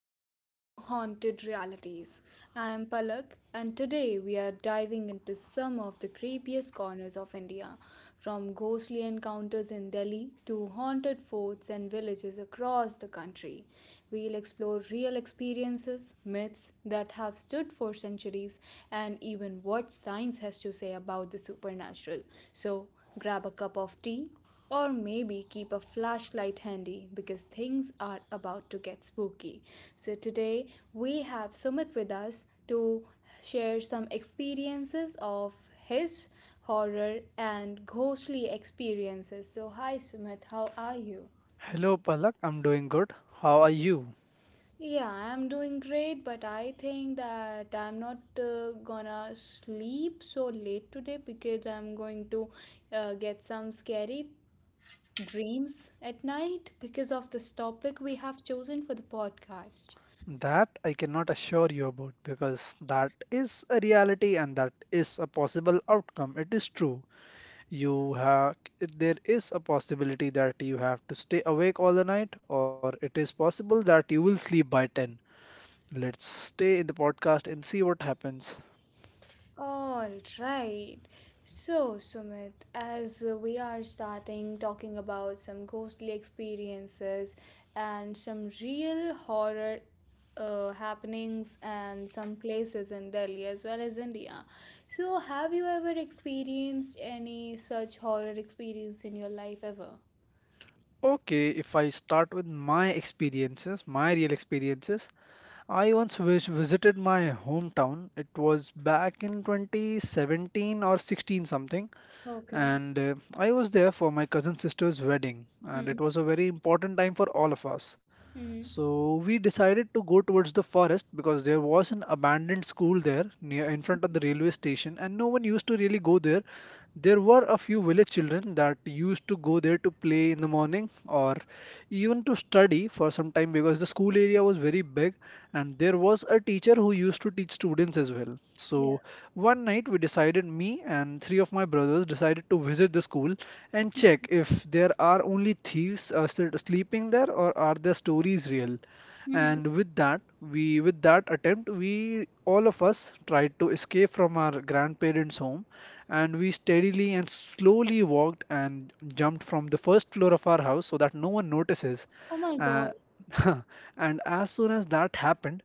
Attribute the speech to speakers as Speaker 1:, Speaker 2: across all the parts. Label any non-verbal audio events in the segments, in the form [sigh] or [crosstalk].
Speaker 1: welcome to Haunted Realities. I am Palak, and today we are diving into some of the creepiest corners of India, from ghostly encounters in Delhi to haunted forts and villages across the country. We'll explore real experiences, myths that have stood for centuries, and even what science has to say about the supernatural. So, grab a cup of tea or maybe keep a flashlight handy because things are about to get spooky. So, today we have Sumit with us to share some experiences of his horror and ghostly experiences. So, hi Sumit, how are you?
Speaker 2: Hello, Palak. I'm doing good. How are you?
Speaker 1: Yeah, I'm doing great, but I think that I'm not gonna sleep so late today because I'm going to get some scary dreams at night because of this topic we have chosen for the podcast.
Speaker 2: That I cannot assure you about because that is a reality and that is a possible outcome. It is true. You have there is a possibility that you have to stay awake all the night, or it is possible that you will sleep by 10. Let's stay in the podcast and see what happens.
Speaker 1: All right. So, Sumit, as we are starting talking about some ghostly experiences and some real horror happenings and some places in Delhi as well as India. So, have you ever experienced any such horror experience in your life ever?
Speaker 2: Okay, if I start with my experiences, my real experiences, I once visited my hometown. It was back in 2017 or 16 something,
Speaker 1: Okay.
Speaker 2: and I was there for my cousin sister's wedding, and
Speaker 1: Hmm.
Speaker 2: it was a very important time for all of us.
Speaker 1: Hmm.
Speaker 2: So we decided to go towards the forest because there was an abandoned school there near in front of the railway station, and no one used to really go there. There were a few village children that used to go there to play in the morning or even to study for some time because the school area was very big and there was a teacher who used to teach students as well.
Speaker 1: Yeah.
Speaker 2: So one night we decided, me and three of my brothers decided to visit the school and check if there are only thieves still sleeping there or are their stories real. And with that, we with that attempt, we all of us tried to escape from our grandparents' home and we steadily and slowly walked and jumped from the first floor of our house so that no one notices.
Speaker 1: Oh my God.
Speaker 2: Uh, [laughs] and as soon as that happened,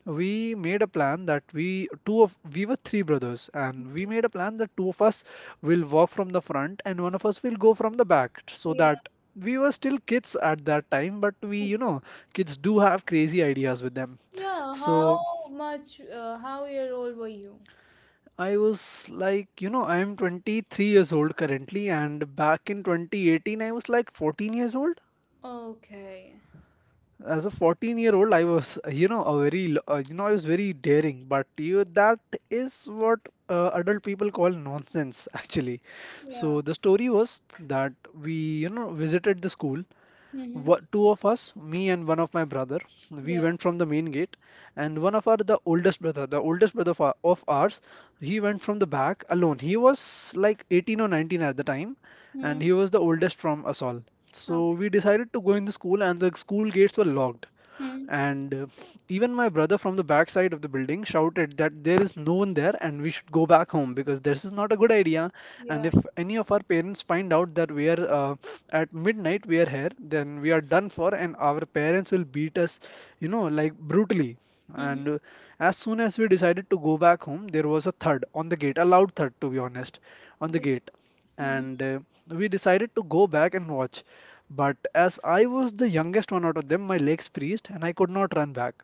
Speaker 2: we made a plan that we two of we were three brothers, and
Speaker 1: Mhm.
Speaker 2: we made a plan that two of us will walk from the front and one of us will go from the back so
Speaker 1: Yeah.
Speaker 2: that we were still kids at that time, but
Speaker 1: Okay.
Speaker 2: kids do have crazy ideas with them.
Speaker 1: Yeah,
Speaker 2: So
Speaker 1: how much, how year old were you?
Speaker 2: I was like, you know, I'm 23 years old currently, and back in 2018, I was like 14 years old.
Speaker 1: Okay.
Speaker 2: As a 14-year-old, I was, you know, a very, l- you know, I was very daring, but that is what adult people call nonsense, [laughs] actually.
Speaker 1: Yeah.
Speaker 2: So the story was that we, you know, visited the school.
Speaker 1: Mm-hmm.
Speaker 2: Two of us, me and one of my brother, we
Speaker 1: Yeah.
Speaker 2: went from the main gate, and one of our the oldest brother, the oldest brother of ours, he went from the back alone. He was like 18 or 19 at the time, and
Speaker 1: Hmm.
Speaker 2: he was the oldest from us all. So
Speaker 1: Okay.
Speaker 2: we decided to go in the school, and the school gates were locked.
Speaker 1: Hmm.
Speaker 2: And Even my brother from the backside of the building shouted that there is no one there and we should go back home because this is not a good idea. And
Speaker 1: Yeah.
Speaker 2: if any of our parents find out that we are at midnight, we are here, then we are done for, and our parents will beat us, you know, like brutally.
Speaker 1: Hmm.
Speaker 2: And As soon as we decided to go back home, there was a thud on the gate, a loud thud to be honest, on the
Speaker 1: Yeah.
Speaker 2: gate.
Speaker 1: Hmm.
Speaker 2: And We decided to go back and watch. But as I was the youngest one out of them, my legs freezed and I could not run back.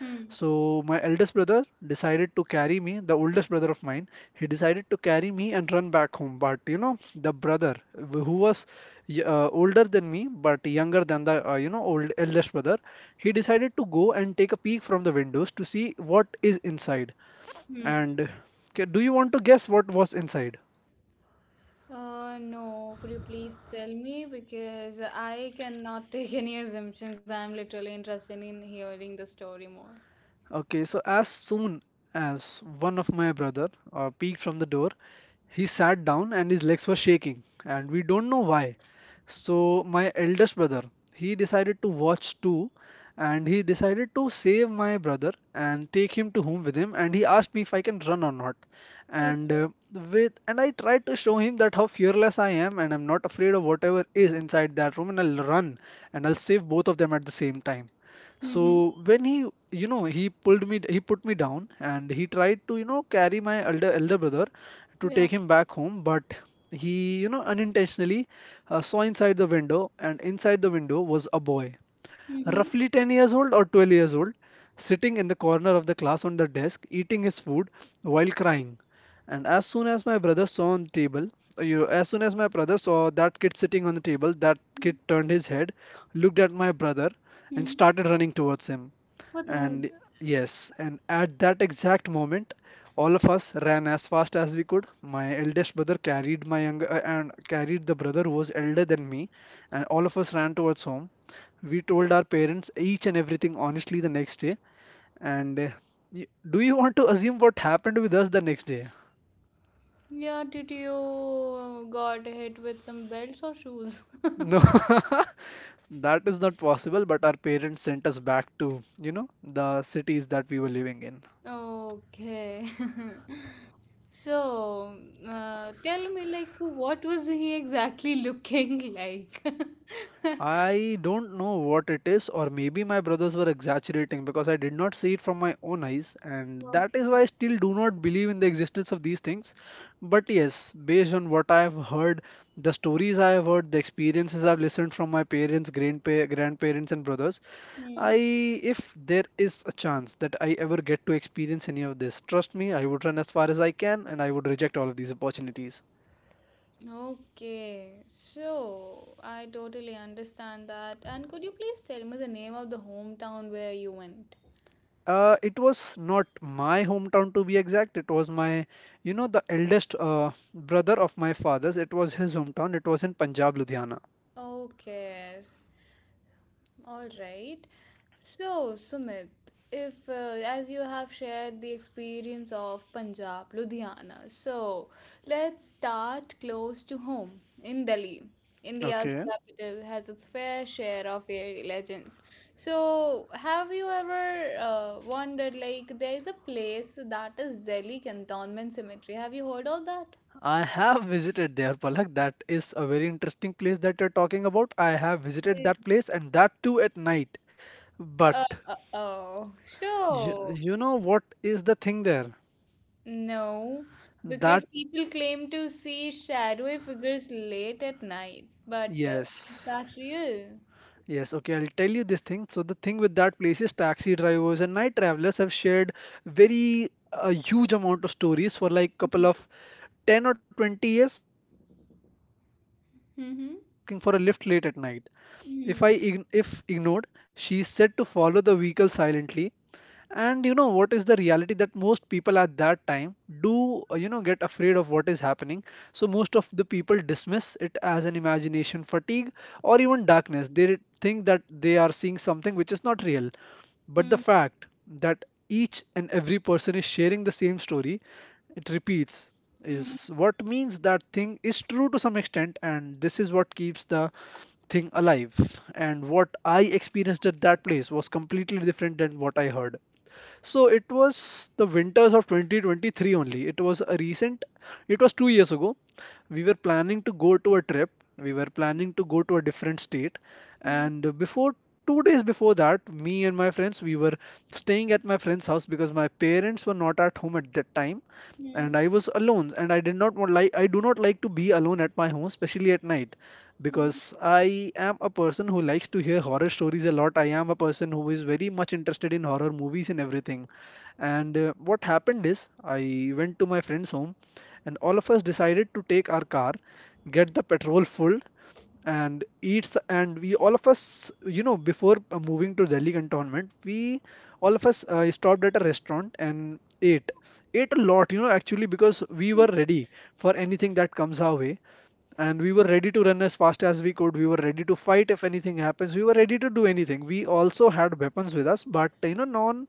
Speaker 1: Hmm.
Speaker 2: So my eldest brother decided to carry me, the oldest brother of mine, he decided to carry me and run back home. But you know, the brother who was older than me, but younger than the old eldest brother, he decided to go and take a peek from the windows to see what is inside.
Speaker 1: Hmm.
Speaker 2: And okay, do you want to guess what was inside?
Speaker 1: No, could you please tell me? Because I cannot [laughs] take any assumptions. I'm literally interested in hearing the story more.
Speaker 2: Okay, so as soon as one of my brother peeked from the door, he sat down and his legs were shaking, and we don't know why. So, my eldest brother, he decided to watch too, and he decided to save my brother and take him to home with him. And he asked me if I can run or not. And
Speaker 1: Okay.
Speaker 2: uh, with and I tried to show him that how fearless I am, and I'm not afraid of whatever is inside that room, and I'll run and I'll save both of them at the same time.
Speaker 1: Mm-hmm.
Speaker 2: So when he, you know, he pulled me, he put me down, and he tried to, you know, carry my elder brother to
Speaker 1: Yeah.
Speaker 2: take him back home, but he, you know, unintentionally saw inside the window, and inside the window was a boy
Speaker 1: Mm-hmm.
Speaker 2: roughly 10 years old or 12 years old, sitting in the corner of the class on the desk, eating his food while crying. And as soon as my brother saw on the table, as soon as my brother saw that kid sitting on the table, that kid turned his head, looked at my brother, and
Speaker 1: Hmm.
Speaker 2: started running towards him.
Speaker 1: What the hell?
Speaker 2: And yes, and at that exact moment, all of us ran as fast as we could. My eldest brother carried my younger and carried the brother who was elder than me, and all of us ran towards home. We told our parents each and everything honestly the next day. And uh, do you want to assume what happened with us the next day?
Speaker 1: Yeah, did you got hit with some belts or shoes? [laughs]
Speaker 2: No, [laughs] that is not possible. But our parents sent us back to, you know, the cities that we were living in.
Speaker 1: Okay. [laughs] So, tell me, like, what was he exactly looking like? [laughs]
Speaker 2: I don't know what it is, or maybe my brothers were exaggerating because I did not see it from my own eyes, and that
Speaker 1: Okay.
Speaker 2: is why I still do not believe in the existence of these things. But yes, based on what I have heard, the stories I have heard, the experiences I've listened from my parents, grandparents, and brothers,
Speaker 1: Hmm.
Speaker 2: if there is a chance that I ever get to experience any of this, trust me, I would run as far as I can and I would reject all of these opportunities.
Speaker 1: Okay. So, I totally understand that. And could you please tell me the name of the hometown where you went?
Speaker 2: It was not my hometown to be exact. It was my, you know, the eldest brother of my father's. It was his hometown. It was in Punjab, Ludhiana.
Speaker 1: Okay. All right. So, Sumit, if as you have shared the experience of Punjab, Ludhiana, so let's start close to home in Delhi. India's
Speaker 2: Okay.
Speaker 1: capital has its fair share of fairy legends. So, have you ever wondered like there is a place that is Delhi Cantonment Cemetery? Have you heard of that?
Speaker 2: I have visited there, Palak. That is a very interesting place that you're talking about. I have visited
Speaker 1: Yeah.
Speaker 2: that place and that too at night. But
Speaker 1: Oh, so.
Speaker 2: you know what is the thing there?
Speaker 1: No, because
Speaker 2: That,
Speaker 1: people claim to see shadowy figures late at night, but is
Speaker 2: yes.
Speaker 1: that real?
Speaker 2: Yes, okay, I'll tell you this thing. So the thing with that place is taxi drivers and night travelers have shared very a huge amount of stories for like couple of 10 or 20 years, and the legends talk about a woman in white
Speaker 1: Mm-hmm.
Speaker 2: asking for a lift late at night. If I
Speaker 1: Mm-hmm.
Speaker 2: ign if ignored, she is said to follow the vehicle silently, and you know what is the reality that most people at that time do, you know, get afraid of what is happening. So most of the people dismiss it as an imagination fatigue or even darkness. They think that they are seeing something which is not real. But the fact that each and every person is sharing the same story, it repeats,
Speaker 1: Mm-hmm.
Speaker 2: is what means that thing is true to some extent, and this is what keeps the thing alive. And what I experienced at that place was completely different than what I heard. So it was the winters of 2023 only. It was a recent, it was 2 years ago. We were planning to go to a trip. We were planning to go to a different state.
Speaker 1: Mm-hmm.
Speaker 2: And before, 2 days before that, me and my friends, we were staying at my friend's house because my parents were not at home at that time.
Speaker 1: Mm-hmm.
Speaker 2: And I was alone. And I did not want like, I do not like to be alone at my home, especially at night because I am a person who likes to hear horror stories a lot. I am a person who is very much interested in horror movies and everything. And What happened is, I went to my friend's home, and all of us decided to take our car, get the petrol full, and eats, and we all of us you know before moving to Delhi Cantonment, we all of us stopped at a restaurant and ate a lot you know actually because we were ready for anything that comes our way, and we were ready to run as fast as we could. We were ready to fight if anything happens. We were ready to do anything. We also had weapons with us, but you know, non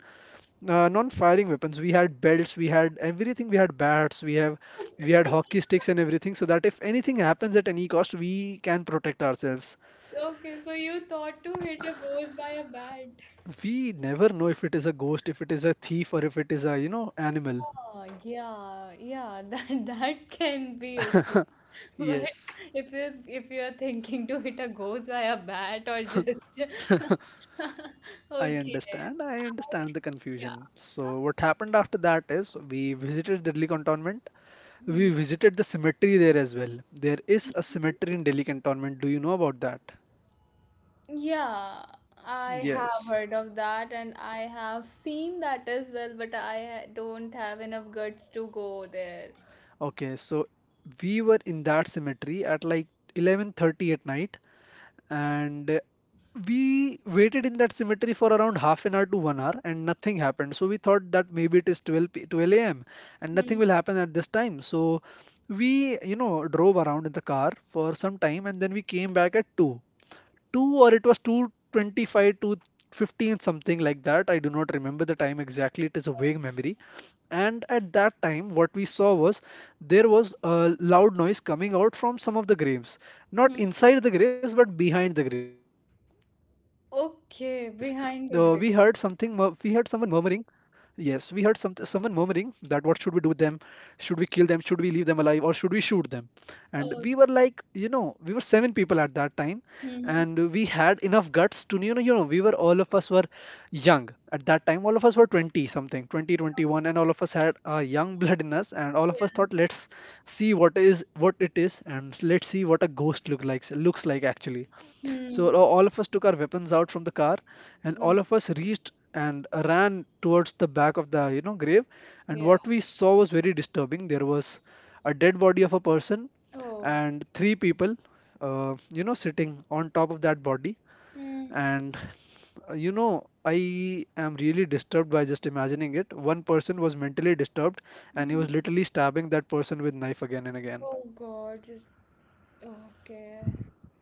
Speaker 2: uh, non-firing weapons. We had belts, we had everything. We had bats, we have we had hockey sticks
Speaker 1: [laughs]
Speaker 2: and everything, so that if anything happens at any cost, we can protect ourselves.
Speaker 1: So, okay, so you thought to hit a ghost by a bat.
Speaker 2: We never know if it is a ghost, if it is a thief, or if it is a animal.
Speaker 1: Oh, yeah, yeah, that [laughs] that can be okay. [laughs] But
Speaker 2: Yes,
Speaker 1: if you if you're thinking to hit a ghost by a bat or just [laughs]
Speaker 2: I
Speaker 1: okay,
Speaker 2: understand. I
Speaker 1: I
Speaker 2: understand the
Speaker 1: yeah.
Speaker 2: confusion. So what happened after that is we visited the Delhi Cantonment. We
Speaker 1: Mm.
Speaker 2: visited the cemetery there as well. There is a cemetery in Delhi Cantonment. Do you know about that?
Speaker 1: Yeah, I have
Speaker 2: Yes.
Speaker 1: heard of that and I have seen that as well, but I don't have enough guts to go there.
Speaker 2: Okay, so we were in that cemetery at like 11:30 at night, and we waited in that cemetery for around half an hour to 1 hour, and nothing happened. So we thought that maybe it is 12 a.m. and
Speaker 1: Hmm.
Speaker 2: nothing will happen at this time. So we, drove around in the car for some time, and then we came back at 2. 2, or it was 225 to 15, something like that. I do not remember the time exactly. It is a vague memory. And at that time, what we saw was, there was a loud noise coming out from some of the graves, not inside the graves, but behind the graves. We heard
Speaker 1: Okay,
Speaker 2: someone
Speaker 1: behind
Speaker 2: murmuring.
Speaker 1: the grid.
Speaker 2: Yes, we heard someone murmuring that what should we do with them? Should we kill them? Should we leave them alive, or should we shoot them? And we were
Speaker 1: Oh,
Speaker 2: like, we were seven people at that time,
Speaker 1: hmm.
Speaker 2: and we had enough guts to, we were all of us were young. At that time, all of us were 20 something, 20, 21, and all of us had young blood in us, and all of us
Speaker 1: Yeah.
Speaker 2: thought let's see what it is, and let's see what a ghost looks like actually. So
Speaker 1: Hmm.
Speaker 2: all of us took our weapons out from the car, and all
Speaker 1: No,
Speaker 2: of us reached and ran towards the back of the grave. And
Speaker 1: yeah.
Speaker 2: what we saw was very disturbing. There was a dead body of a person
Speaker 1: Oh.
Speaker 2: and three people sitting on top of that body.
Speaker 1: Mm.
Speaker 2: And, I am really disturbed by just imagining it. One person was mentally disturbed, and he
Speaker 1: Mm.
Speaker 2: was literally stabbing that person with knife again and again.
Speaker 1: Oh God, just okay.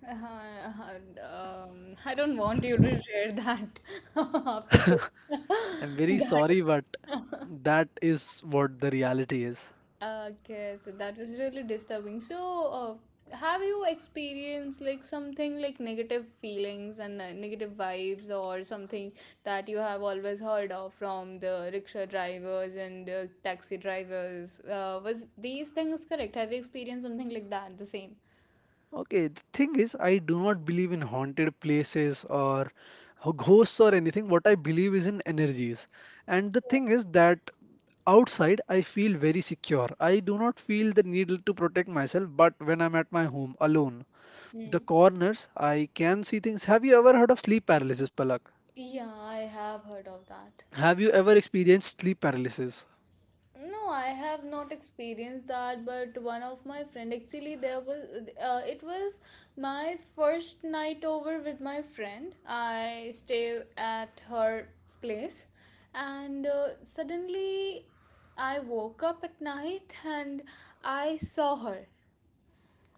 Speaker 1: I don't want you to share that [laughs] after this.
Speaker 2: I'm
Speaker 1: [laughs]
Speaker 2: very sorry, but
Speaker 1: That. [laughs]
Speaker 2: that is what the reality is.
Speaker 1: Okay, so that was really disturbing. So, have you experienced like something like negative feelings and negative vibes or something that you have always heard of from the rickshaw drivers and taxi drivers? Was these things correct? Have you experienced something like that, the same?
Speaker 2: Okay, the thing is, I do not believe in haunted places or ghosts or anything. What I believe is in energies. And the thing is that outside, I feel very secure. I do not feel the need to protect myself, but when I'm at my home alone, the
Speaker 1: Hmm.
Speaker 2: corners, I can see things. Have you ever heard of sleep paralysis, Palak?
Speaker 1: Yeah, I have heard of that.
Speaker 2: Have you ever experienced sleep paralysis?
Speaker 1: No, I have not experienced that, but one of my friend actually there was it was my first night over with my friend. I stay at her place and suddenly I woke up at night and I saw her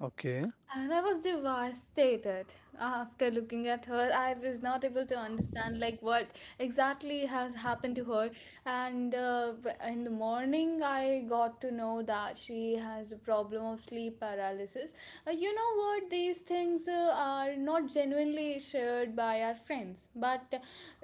Speaker 2: Okay,
Speaker 1: and I was devastated after looking at her. I was not able to understand like what exactly has happened to her. And in the morning, I got to know that she has a problem of sleep paralysis. You know what? These things are not genuinely shared by our friends. But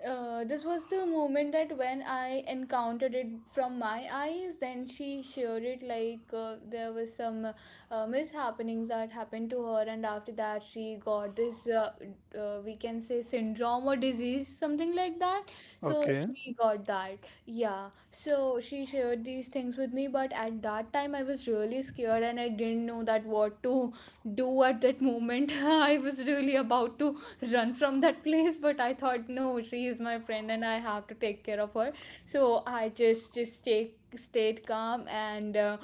Speaker 1: this was the moment that when I encountered it from my eyes. Then she shared it like there was some mishappenings that happened to her and after that she got this we can say syndrome or disease something like that, so
Speaker 2: okay,
Speaker 1: she got that, yeah. So she shared these things with me, but at that time I was really scared and I didn't know that what to do at that moment. [laughs] I was really about to run from that place, but I thought no, she is my friend and I have to take care of her. So I just take stayed calm and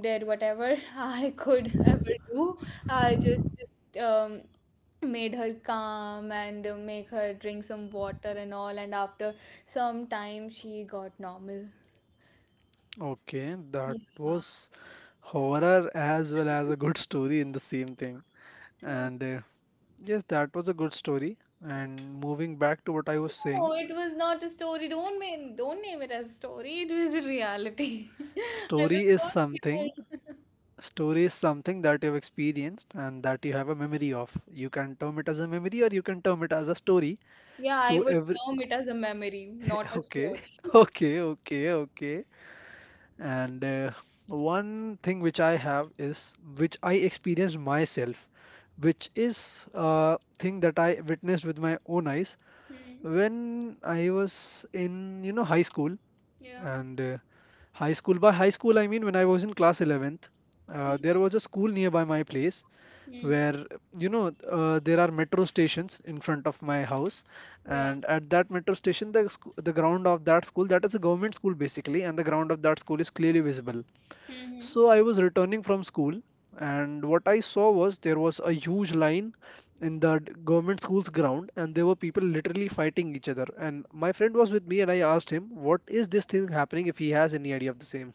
Speaker 1: did whatever [laughs] I could ever do. I just made her calm and make her drink some water and all. And after some time, she got normal.
Speaker 2: okay. That
Speaker 1: Yeah.
Speaker 2: was horror as well as a
Speaker 1: [laughs]
Speaker 2: good story in the same thing. And, yes, that was a good story. And moving back to what I was
Speaker 1: Oh,
Speaker 2: saying,
Speaker 1: no, it was not a story. Don't name it as story. It was a reality. [laughs] I
Speaker 2: story
Speaker 1: was
Speaker 2: is
Speaker 1: so
Speaker 2: something,
Speaker 1: scared.
Speaker 2: story is something that you've experienced and that you have a memory of. You can term it as a memory or you can term it as a story
Speaker 1: [laughs] Yeah, I
Speaker 2: to
Speaker 1: would
Speaker 2: every.
Speaker 1: term it as a memory, not
Speaker 2: [laughs]
Speaker 1: a
Speaker 2: Okay,
Speaker 1: story.
Speaker 2: [laughs]
Speaker 1: [laughs]
Speaker 2: okay, okay, okay. And, one thing which I have is which I experienced myself, which is a thing that I witnessed with my own eyes
Speaker 1: Hmm.
Speaker 2: when I was in, high school.
Speaker 1: Yeah.
Speaker 2: And, high school. By high school, I mean when I was in class 11th.
Speaker 1: Hmm.
Speaker 2: There was a school nearby my place
Speaker 1: Hmm.
Speaker 2: where, there are metro stations in front of my house.
Speaker 1: Yeah.
Speaker 2: And at that metro station, the ground of that school, that is a government school basically, and the ground of that school is clearly visible.
Speaker 1: Hmm.
Speaker 2: So I was returning from school, and what I saw was there was a huge line in the government school's ground, and there were people literally fighting each other. And my friend was with me, and I asked him, what is this thing happening if he has any idea of the same?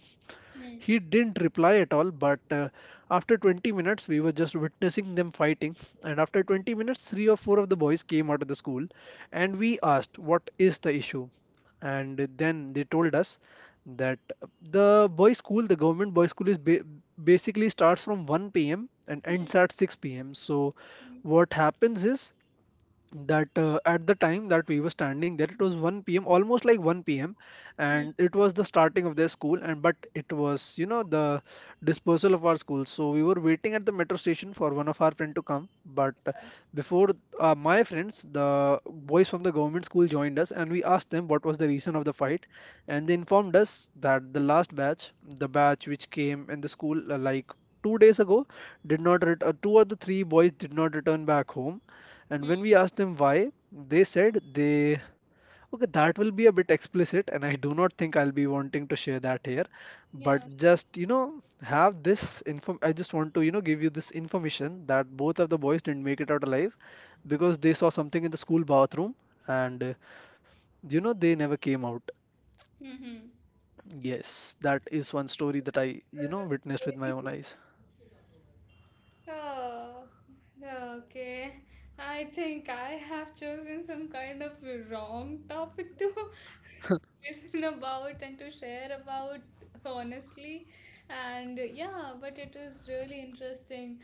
Speaker 1: Hmm.
Speaker 2: He didn't reply at all, but, after 20 minutes, we were just witnessing them fighting. And after 20 minutes, three or four of the boys came out of the school, and we asked, what is the issue? And then they told us that the boys' school, the government boys' school, is ba basically starts from 1 p.m. and
Speaker 1: Hmm.
Speaker 2: ends at 6 p.m. So
Speaker 1: угу
Speaker 2: what happens is that, at the time that we were standing there it was 1 p.m, almost like 1 p.m,
Speaker 1: да
Speaker 2: and it was the starting of their school, and but it was the dispersal of our school, so we were waiting at the metro station for one of our friend to come, but, before, my friends, the boys from the government school joined us, and we asked them what was the reason of the fight, and they informed us that the batch which came in the school, like 2 days ago, did not ret- two or the three boys did not return back home. And
Speaker 1: да
Speaker 2: when we asked them why, they said they. Okay, that will be a bit explicit, and I do not think I'll be wanting to share that here. But just, have this inform. I just want to, give you this information that both of the boys didn't make it out alive because they saw something in the school bathroom, and, they never came out.
Speaker 1: угу
Speaker 2: Yes, that is one story that I,
Speaker 1: да
Speaker 2: witnessed with my own
Speaker 1: угу
Speaker 2: eyes.
Speaker 1: Oh, okay. I think I have chosen some kind of wrong topic to [laughs] listen about and to share about, honestly. And yeah, but it was really interesting.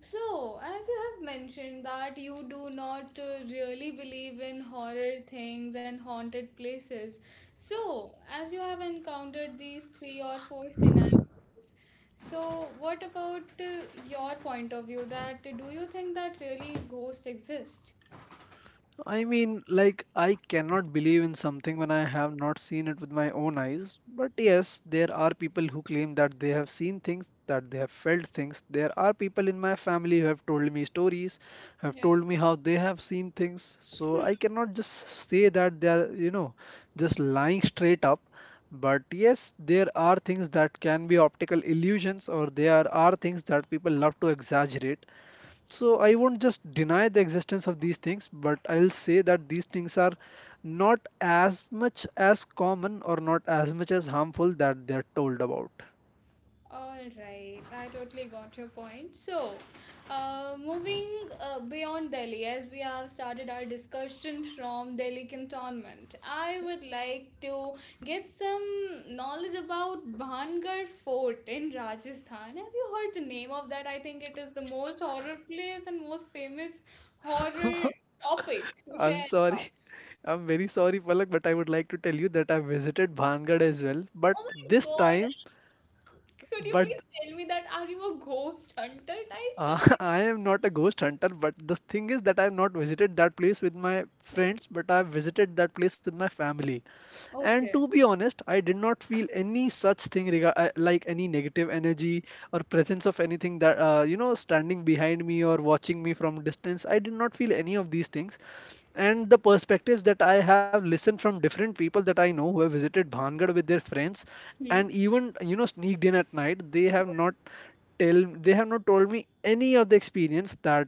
Speaker 1: So, as you have mentioned that you do not really believe in horror things and haunted places. So, as you have encountered these three or four scenarios, so, what about your point of view that do you think that really ghosts exist?
Speaker 2: I mean, like, I cannot believe in something when I have not seen it with my own eyes. But yes, there are people who claim that they have seen things, that they have felt things. There are people in my family who have told me stories, have
Speaker 1: Yeah.
Speaker 2: told me how they have seen things. So I cannot just say that they are, just lying straight up. But yes, there are things that can be optical illusions, or there are things that people love to exaggerate. So I won't just deny the existence of these things, but I'll say that these things are not as much as common or not as much as harmful that they're told about.
Speaker 1: All right, I totally got your point. So, moving beyond Delhi, as we have started our discussion from Delhi cantonment, I would like to get some knowledge about Bhangar Fort in Rajasthan. Have you heard the name of that? I think it is the most horror place and most famous horror topic to
Speaker 2: I'm
Speaker 1: share
Speaker 2: sorry.
Speaker 1: about.
Speaker 2: [laughs] I'm very sorry, Palak, but I would like to tell you that I visited Bhangad as well. But
Speaker 1: Oh my
Speaker 2: this
Speaker 1: God.
Speaker 2: time,
Speaker 1: Could you
Speaker 2: but
Speaker 1: please tell me that are you a ghost hunter type?
Speaker 2: [laughs]
Speaker 1: Something?
Speaker 2: I am not a ghost hunter. But the thing is that I've not visited that place with my friends, but I've visited that place with my family. And
Speaker 1: Okay.
Speaker 2: to be honest, I did not feel any such thing like any negative energy or presence of anything that, standing behind me or watching me from distance. I did not feel any of these things. And the perspectives that I have listened from different people that I know who have visited Bhangad with their friends
Speaker 1: Hmm.
Speaker 2: and even, sneaked in at night, they have not told me any of the experience that,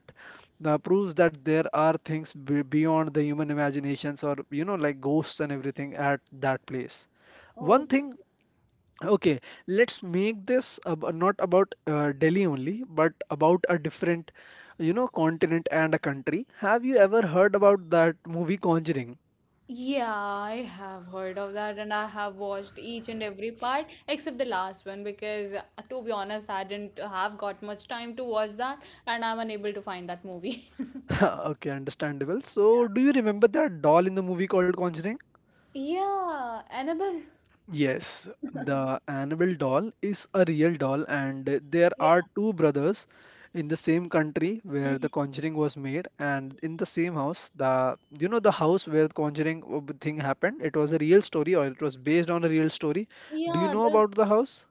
Speaker 2: proves that there are things be beyond the human imaginations, or like ghosts and everything at that place.
Speaker 1: Oh,
Speaker 2: One thing. Okay, let's make this ab not about, Delhi only, but about a different, continent and a country. Have you ever heard about that movie Conjuring?
Speaker 1: yeah, I have heard of that and I have watched each and every part except the last one because, to be honest, I didn't have got much time to watch that and I'm unable to find that movie. [laughs]
Speaker 2: [laughs] Okay, understandable. So do you remember that doll in the movie called Conjuring?
Speaker 1: Yeah, Annabelle.
Speaker 2: Yes, the
Speaker 1: [laughs]
Speaker 2: Annabelle doll is a real doll, and there are
Speaker 1: Yeah.
Speaker 2: two brothers in the same country where The
Speaker 1: Mhm.
Speaker 2: Conjuring was made, and in the same house. The you know the house where The Conjuring, thing happened. It was a real story, or it was based on a real story. Do you
Speaker 1: Yeah,
Speaker 2: know about
Speaker 1: there's
Speaker 2: the house?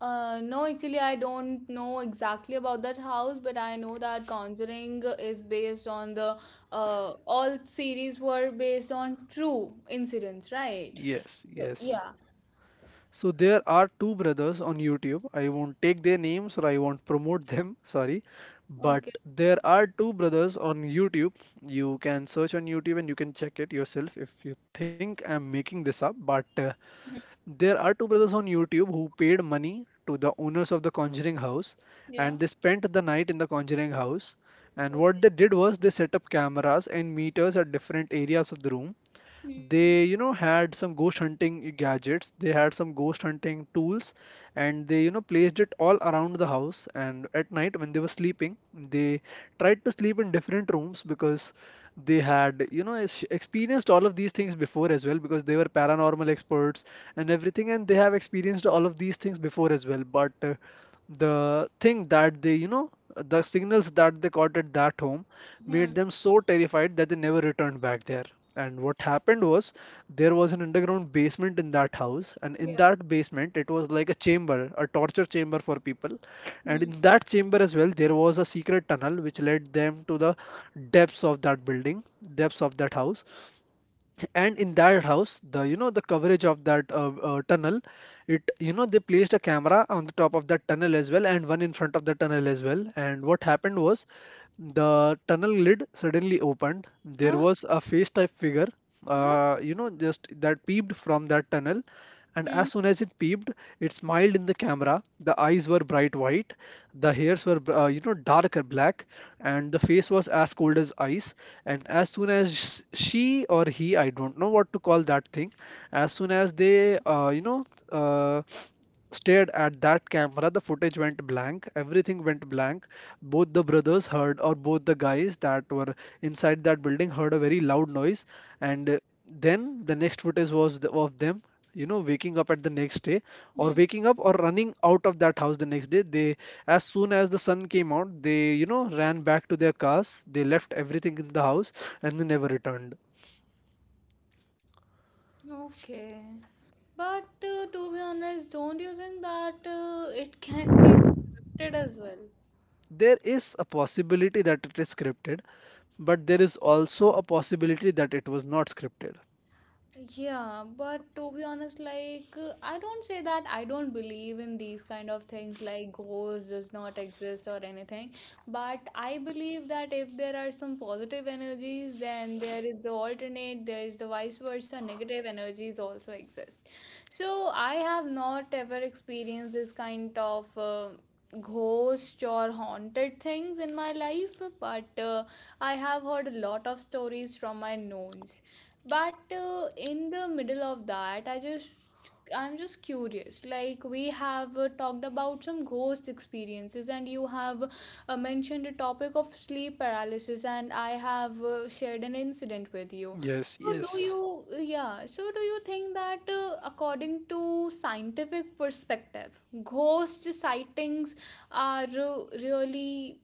Speaker 1: No, actually, I don't know exactly about that house, but I know that Conjuring is based on the all series were based on true incidents, right?
Speaker 2: Yes,
Speaker 1: So,
Speaker 2: yes.
Speaker 1: yeah.
Speaker 2: So there are two brothers on YouTube. I won't take their names or I won't promote them, [laughs] sorry. But
Speaker 1: Okay.
Speaker 2: there are two brothers on YouTube. You can search on YouTube and you can check it yourself if you think I'm making this up. But,
Speaker 1: Mhm.
Speaker 2: there are two brothers on YouTube who paid money to the owners of the Conjuring House,
Speaker 1: Yeah.
Speaker 2: and they spent the night in the Conjuring House. And what
Speaker 1: Okay.
Speaker 2: they did was they set up cameras and meters at different areas of the room.
Speaker 1: Hmm.
Speaker 2: They had some ghost hunting gadgets, they had some ghost hunting tools, and they, placed it all around the house. And at night when they were sleeping, they tried to sleep in different rooms because they had, experienced all of these things before as well, because they were paranormal experts and everything, and they have experienced all of these things before as well. But the thing that they you know the signals that they caught at that home made
Speaker 1: Hmm.
Speaker 2: them so terrified that they never returned back there. And what happened was, there was an underground basement in that house, and in
Speaker 1: Yeah.
Speaker 2: that basement, it was like a chamber, a torture chamber for people. And
Speaker 1: Hmm.
Speaker 2: in that chamber as well, there was a secret tunnel which led them to the depths of that building, depths of that house. And in that house, the, the coverage of that tunnel, it you know they placed a camera on the top of that tunnel as well, and one in front of the tunnel as well. And what happened was, the tunnel lid suddenly opened. There
Speaker 1: Huh?
Speaker 2: was a face type figure,
Speaker 1: Huh?
Speaker 2: just that peeped from that tunnel. And
Speaker 1: Hmm.
Speaker 2: as soon as it peeped, it smiled in the camera. The eyes were bright white, the hairs were, darker black, and the face was as cold as ice. And as soon as she or he, I don't know what to call that thing, as soon as they, uh, stared at that camera, the footage went blank. Everything went blank. Both the brothers heard, or both the guys that were inside that building, heard a very loud noise. And Then the next footage was the, of them, waking up at the next day, or
Speaker 1: Hmm.
Speaker 2: waking up or running out of that house the next day. They, as soon as the sun came out, they, ran back to their cars. They left everything in the house and they never returned.
Speaker 1: Okay. But to be honest, don't you think that it can be scripted as well?
Speaker 2: There is a possibility that it is scripted, but there is also a possibility that it was not scripted.
Speaker 1: Yeah, but to be honest, like I don't say that I don't believe in these kind of things like ghosts does not exist or anything, but I believe that if there are some positive energies, then there is the alternate, there is the vice versa, negative energies also exist. So I have not ever experienced this kind of ghost or haunted things in my life, but I have heard a lot of stories from my knowns but in the middle of that I just I'm just curious like we have talked about some ghost experiences and you have mentioned the topic of sleep paralysis and I have shared an incident with you,
Speaker 2: Yes,
Speaker 1: so do
Speaker 2: yes.
Speaker 1: you, yeah, so do you think that according to scientific perspective ghost sightings are really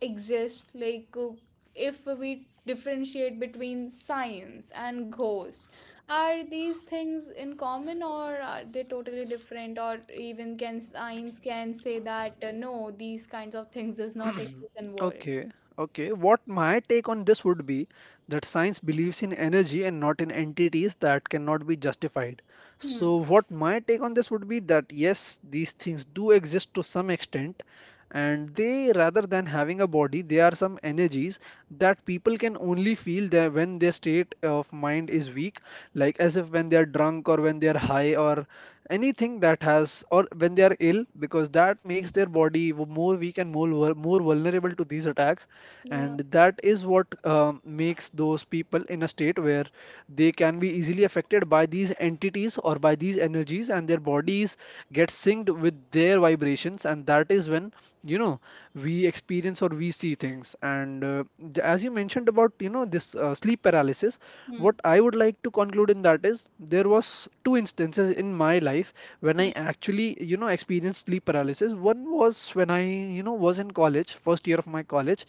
Speaker 1: exist like if we differentiate between science and ghost, are these things in common or are they totally different or even can science can say that no, these kinds of things does not exist in world?
Speaker 2: Okay, okay. What my take on this would be that science believes in energy and not in entities that cannot be justified.
Speaker 1: Hmm.
Speaker 2: So, what my take on this would be that yes, these things do exist to some extent, and they, rather than having a body, they are some energies that people can only feel that when their state of mind is weak, like as if when they are drunk, or when they are high, or anything that has, or when they are ill, because that makes their body more weak and more more vulnerable to these attacks.
Speaker 1: Yeah.
Speaker 2: And that is what makes those people in a state where they can be easily affected by these entities or by these energies, and their bodies get synced with their vibrations. And that is when, you know we experience or we see things. As you mentioned about, this sleep paralysis,
Speaker 1: Hmm.
Speaker 2: what I would like to conclude in that is there was two instances in my life when
Speaker 1: Hmm.
Speaker 2: I actually, experienced sleep paralysis. One was when I, was in college, first year of my college,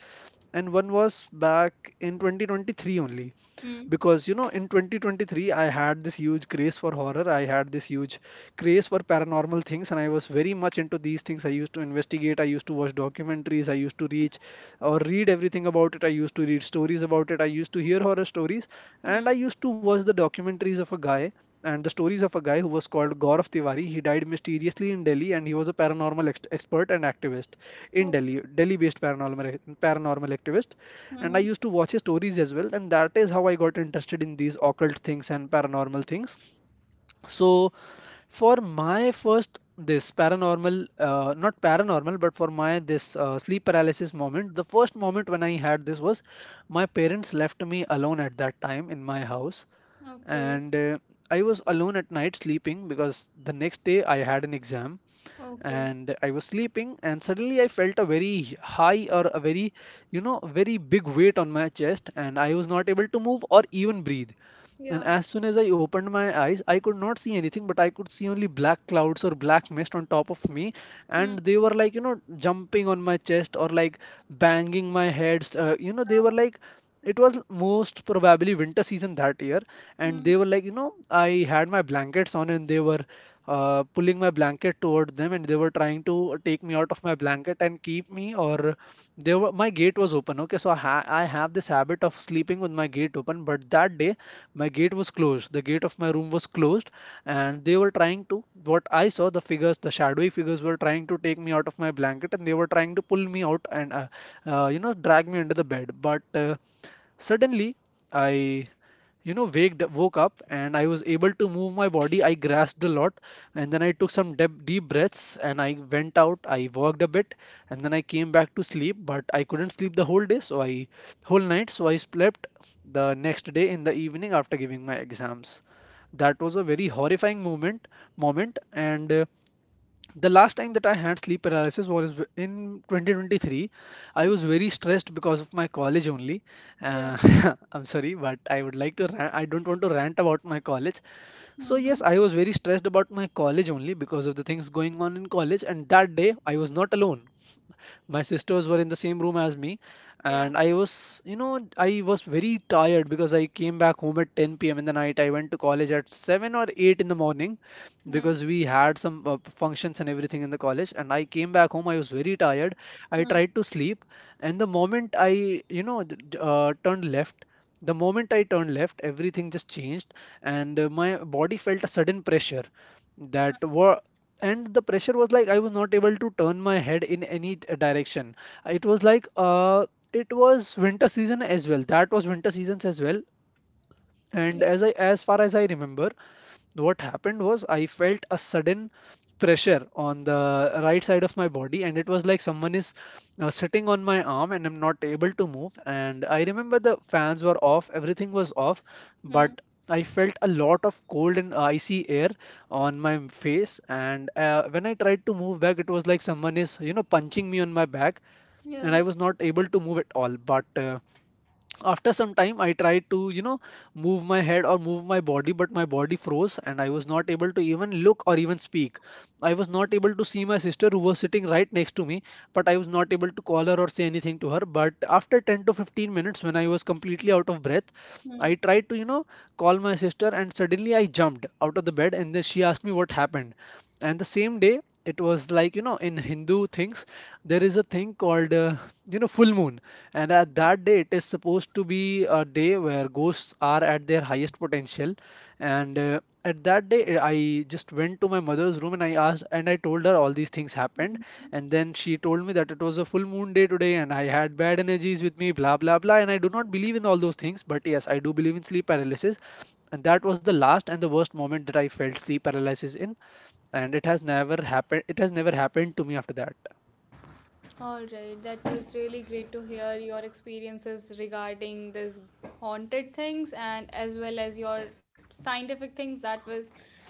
Speaker 2: and one was back in 2023 only,
Speaker 1: Hmm.
Speaker 2: because in 2023 I had this huge craze for horror. I had this huge craze for paranormal things and I was very much into these things. I used to investigate, I used to watch documentaries, I used to reach or read everything about it. I used to read stories about it. I used to hear horror stories, and
Speaker 1: Hmm.
Speaker 2: I used to watch the documentaries of a guy, and the stories of a guy who was called Gaurav Tiwari. He died mysteriously in Delhi and he was a paranormal expert and activist in
Speaker 1: Oh,
Speaker 2: Delhi, Delhi based paranormal activist. And
Speaker 1: hmm.
Speaker 2: I used to watch his stories as well, and that is how I got interested in these occult things and paranormal things. So, for my first this paranormal, not paranormal, but for my this sleep paralysis moment, the first moment when I had this was my parents left me alone at that time in my house,
Speaker 1: Okay.
Speaker 2: and I was alone at night sleeping because the next day I had an exam.
Speaker 1: Okay.
Speaker 2: And I was sleeping, and suddenly I felt a very high, or a very, very big weight on my chest, and I was not able to move or even breathe. And
Speaker 1: Yeah.
Speaker 2: as soon as I opened my eyes, I could not see anything, but I could see only black clouds or black mist on top of me.
Speaker 1: Hmm.
Speaker 2: And they were like, jumping on my chest, or like banging my heads. They were
Speaker 1: Yeah.
Speaker 2: like, it was most probably winter season that year. And
Speaker 1: Hmm.
Speaker 2: they were like, I had my blankets on, and they were pulling my blanket toward them, and they were trying to take me out of my blanket and keep me. Or they were, my gate was open. Okay, so I, I have this habit of sleeping with my gate open, but that day my gate was closed. The gate of my room was closed, and they were trying to, what I saw, the figures, the shadowy figures were trying to take me out of my blanket, and they were trying to pull me out and, drag me under the bed. But Suddenly, I, you know, waked woke up, and I was able to move my body. I grasped a lot, and then I took some deep deep breaths and I went out. I walked a bit and then I came back to sleep, but I couldn't sleep the whole day, so I whole night, so I slept the next day in the evening after giving my exams. That was a very horrifying moment. And The last time that I had sleep paralysis was in 2023. I
Speaker 1: Okay.
Speaker 2: was very stressed because of my college only.
Speaker 1: Yeah.
Speaker 2: Uh, [laughs] I'm sorry, but I would like to. I don't want to rant about my college. So
Speaker 1: Hmm.
Speaker 2: yes, I was very stressed about my college only, because of the things going on in college. And that day, I was not alone, my sisters were in the same room as me.
Speaker 1: Yeah.
Speaker 2: And I was, I was very tired because I came back home at 10 p.m. in the night. I went to college at 7 or 8 in the morning
Speaker 1: Hmm.
Speaker 2: because we had some functions and everything in the college, and I came back home, I was very tired. I
Speaker 1: Hmm.
Speaker 2: tried to sleep, and the moment I, turned left, the moment I turned left, everything just changed. And My body felt a sudden pressure, that were, and the pressure was like I was not able to turn my head in any direction. It was like it was winter season as well. That was winter seasons as well. And
Speaker 1: Yeah.
Speaker 2: as I, as far as I remember, what happened was I felt a sudden pressure on the right side of my body, and it was like someone is, sitting on my arm, and I'm not able to move. And I remember the fans were off, everything was off, but
Speaker 1: Hmm.
Speaker 2: I felt a lot of cold and icy air on my face. And When I tried to move back, it was like someone is, punching me on my back, and
Speaker 1: Yeah.
Speaker 2: I was not able to move at all. But After some time, I tried to, move my head or move my body, but my body froze and I was not able to even look or even speak. I was not able to see my sister, who was sitting right next to me, but I was not able to call her or say anything to her. But after 10 to 15 minutes, when I was completely out of breath, I
Speaker 1: Hmm.
Speaker 2: tried to, call my sister, and suddenly I jumped out of the bed, and then she asked me what happened. And the same day, it was like, in Hindu things, there is a thing called, full moon. And at that day, it is supposed to be a day where ghosts are at their highest potential. And At that day, I just went to my mother's room and I asked, and I told her all these things happened.
Speaker 1: Mhm.
Speaker 2: And then she told me that it was a full moon day today and I had bad energies with me, blah, blah, blah. And I do not believe in all those things, but yes, I do believe in sleep paralysis. And that was the last and the worst moment that I felt sleep paralysis in, and it has never happened to me after that.
Speaker 1: All right, that was really great to hear your experiences regarding this haunted things and as well as your scientific things that was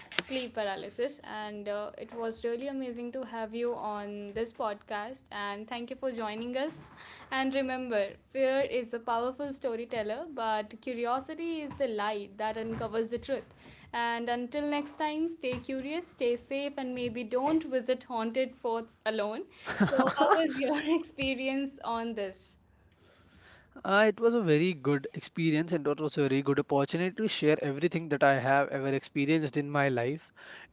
Speaker 1: sleep paralysis and it was really amazing to have you on this podcast and thank you for joining us, and remember, fear is a powerful storyteller but curiosity is the light that uncovers the truth, and until next time, stay curious, stay safe, and maybe don't visit haunted forts alone. So, how was your [laughs] experience on this?
Speaker 2: It was a very good experience, and it was a very good opportunity to share everything that I have ever experienced in my life.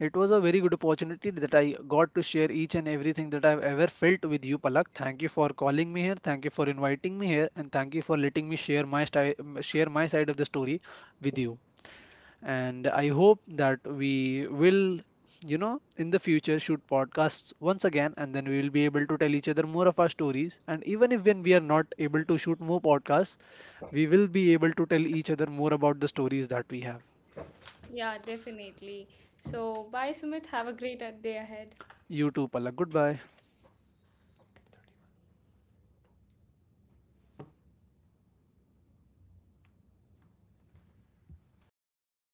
Speaker 2: It was a very good opportunity that I got to share each and everything that I've ever felt with you, Palak. Thank you for calling me here, thank you for inviting me here, and thank you for letting me share my share my side of the story with you. And I hope that we will, in the future shoot podcasts once again, and then we will be able to tell each other more of our stories. And even if when we are not able to shoot more podcasts, we will be able to tell each other more about the stories that we have.
Speaker 1: Yeah, definitely. So, bye, Sumit. Have a great day ahead.
Speaker 2: You too, Palak. Goodbye.
Speaker 1: Okay.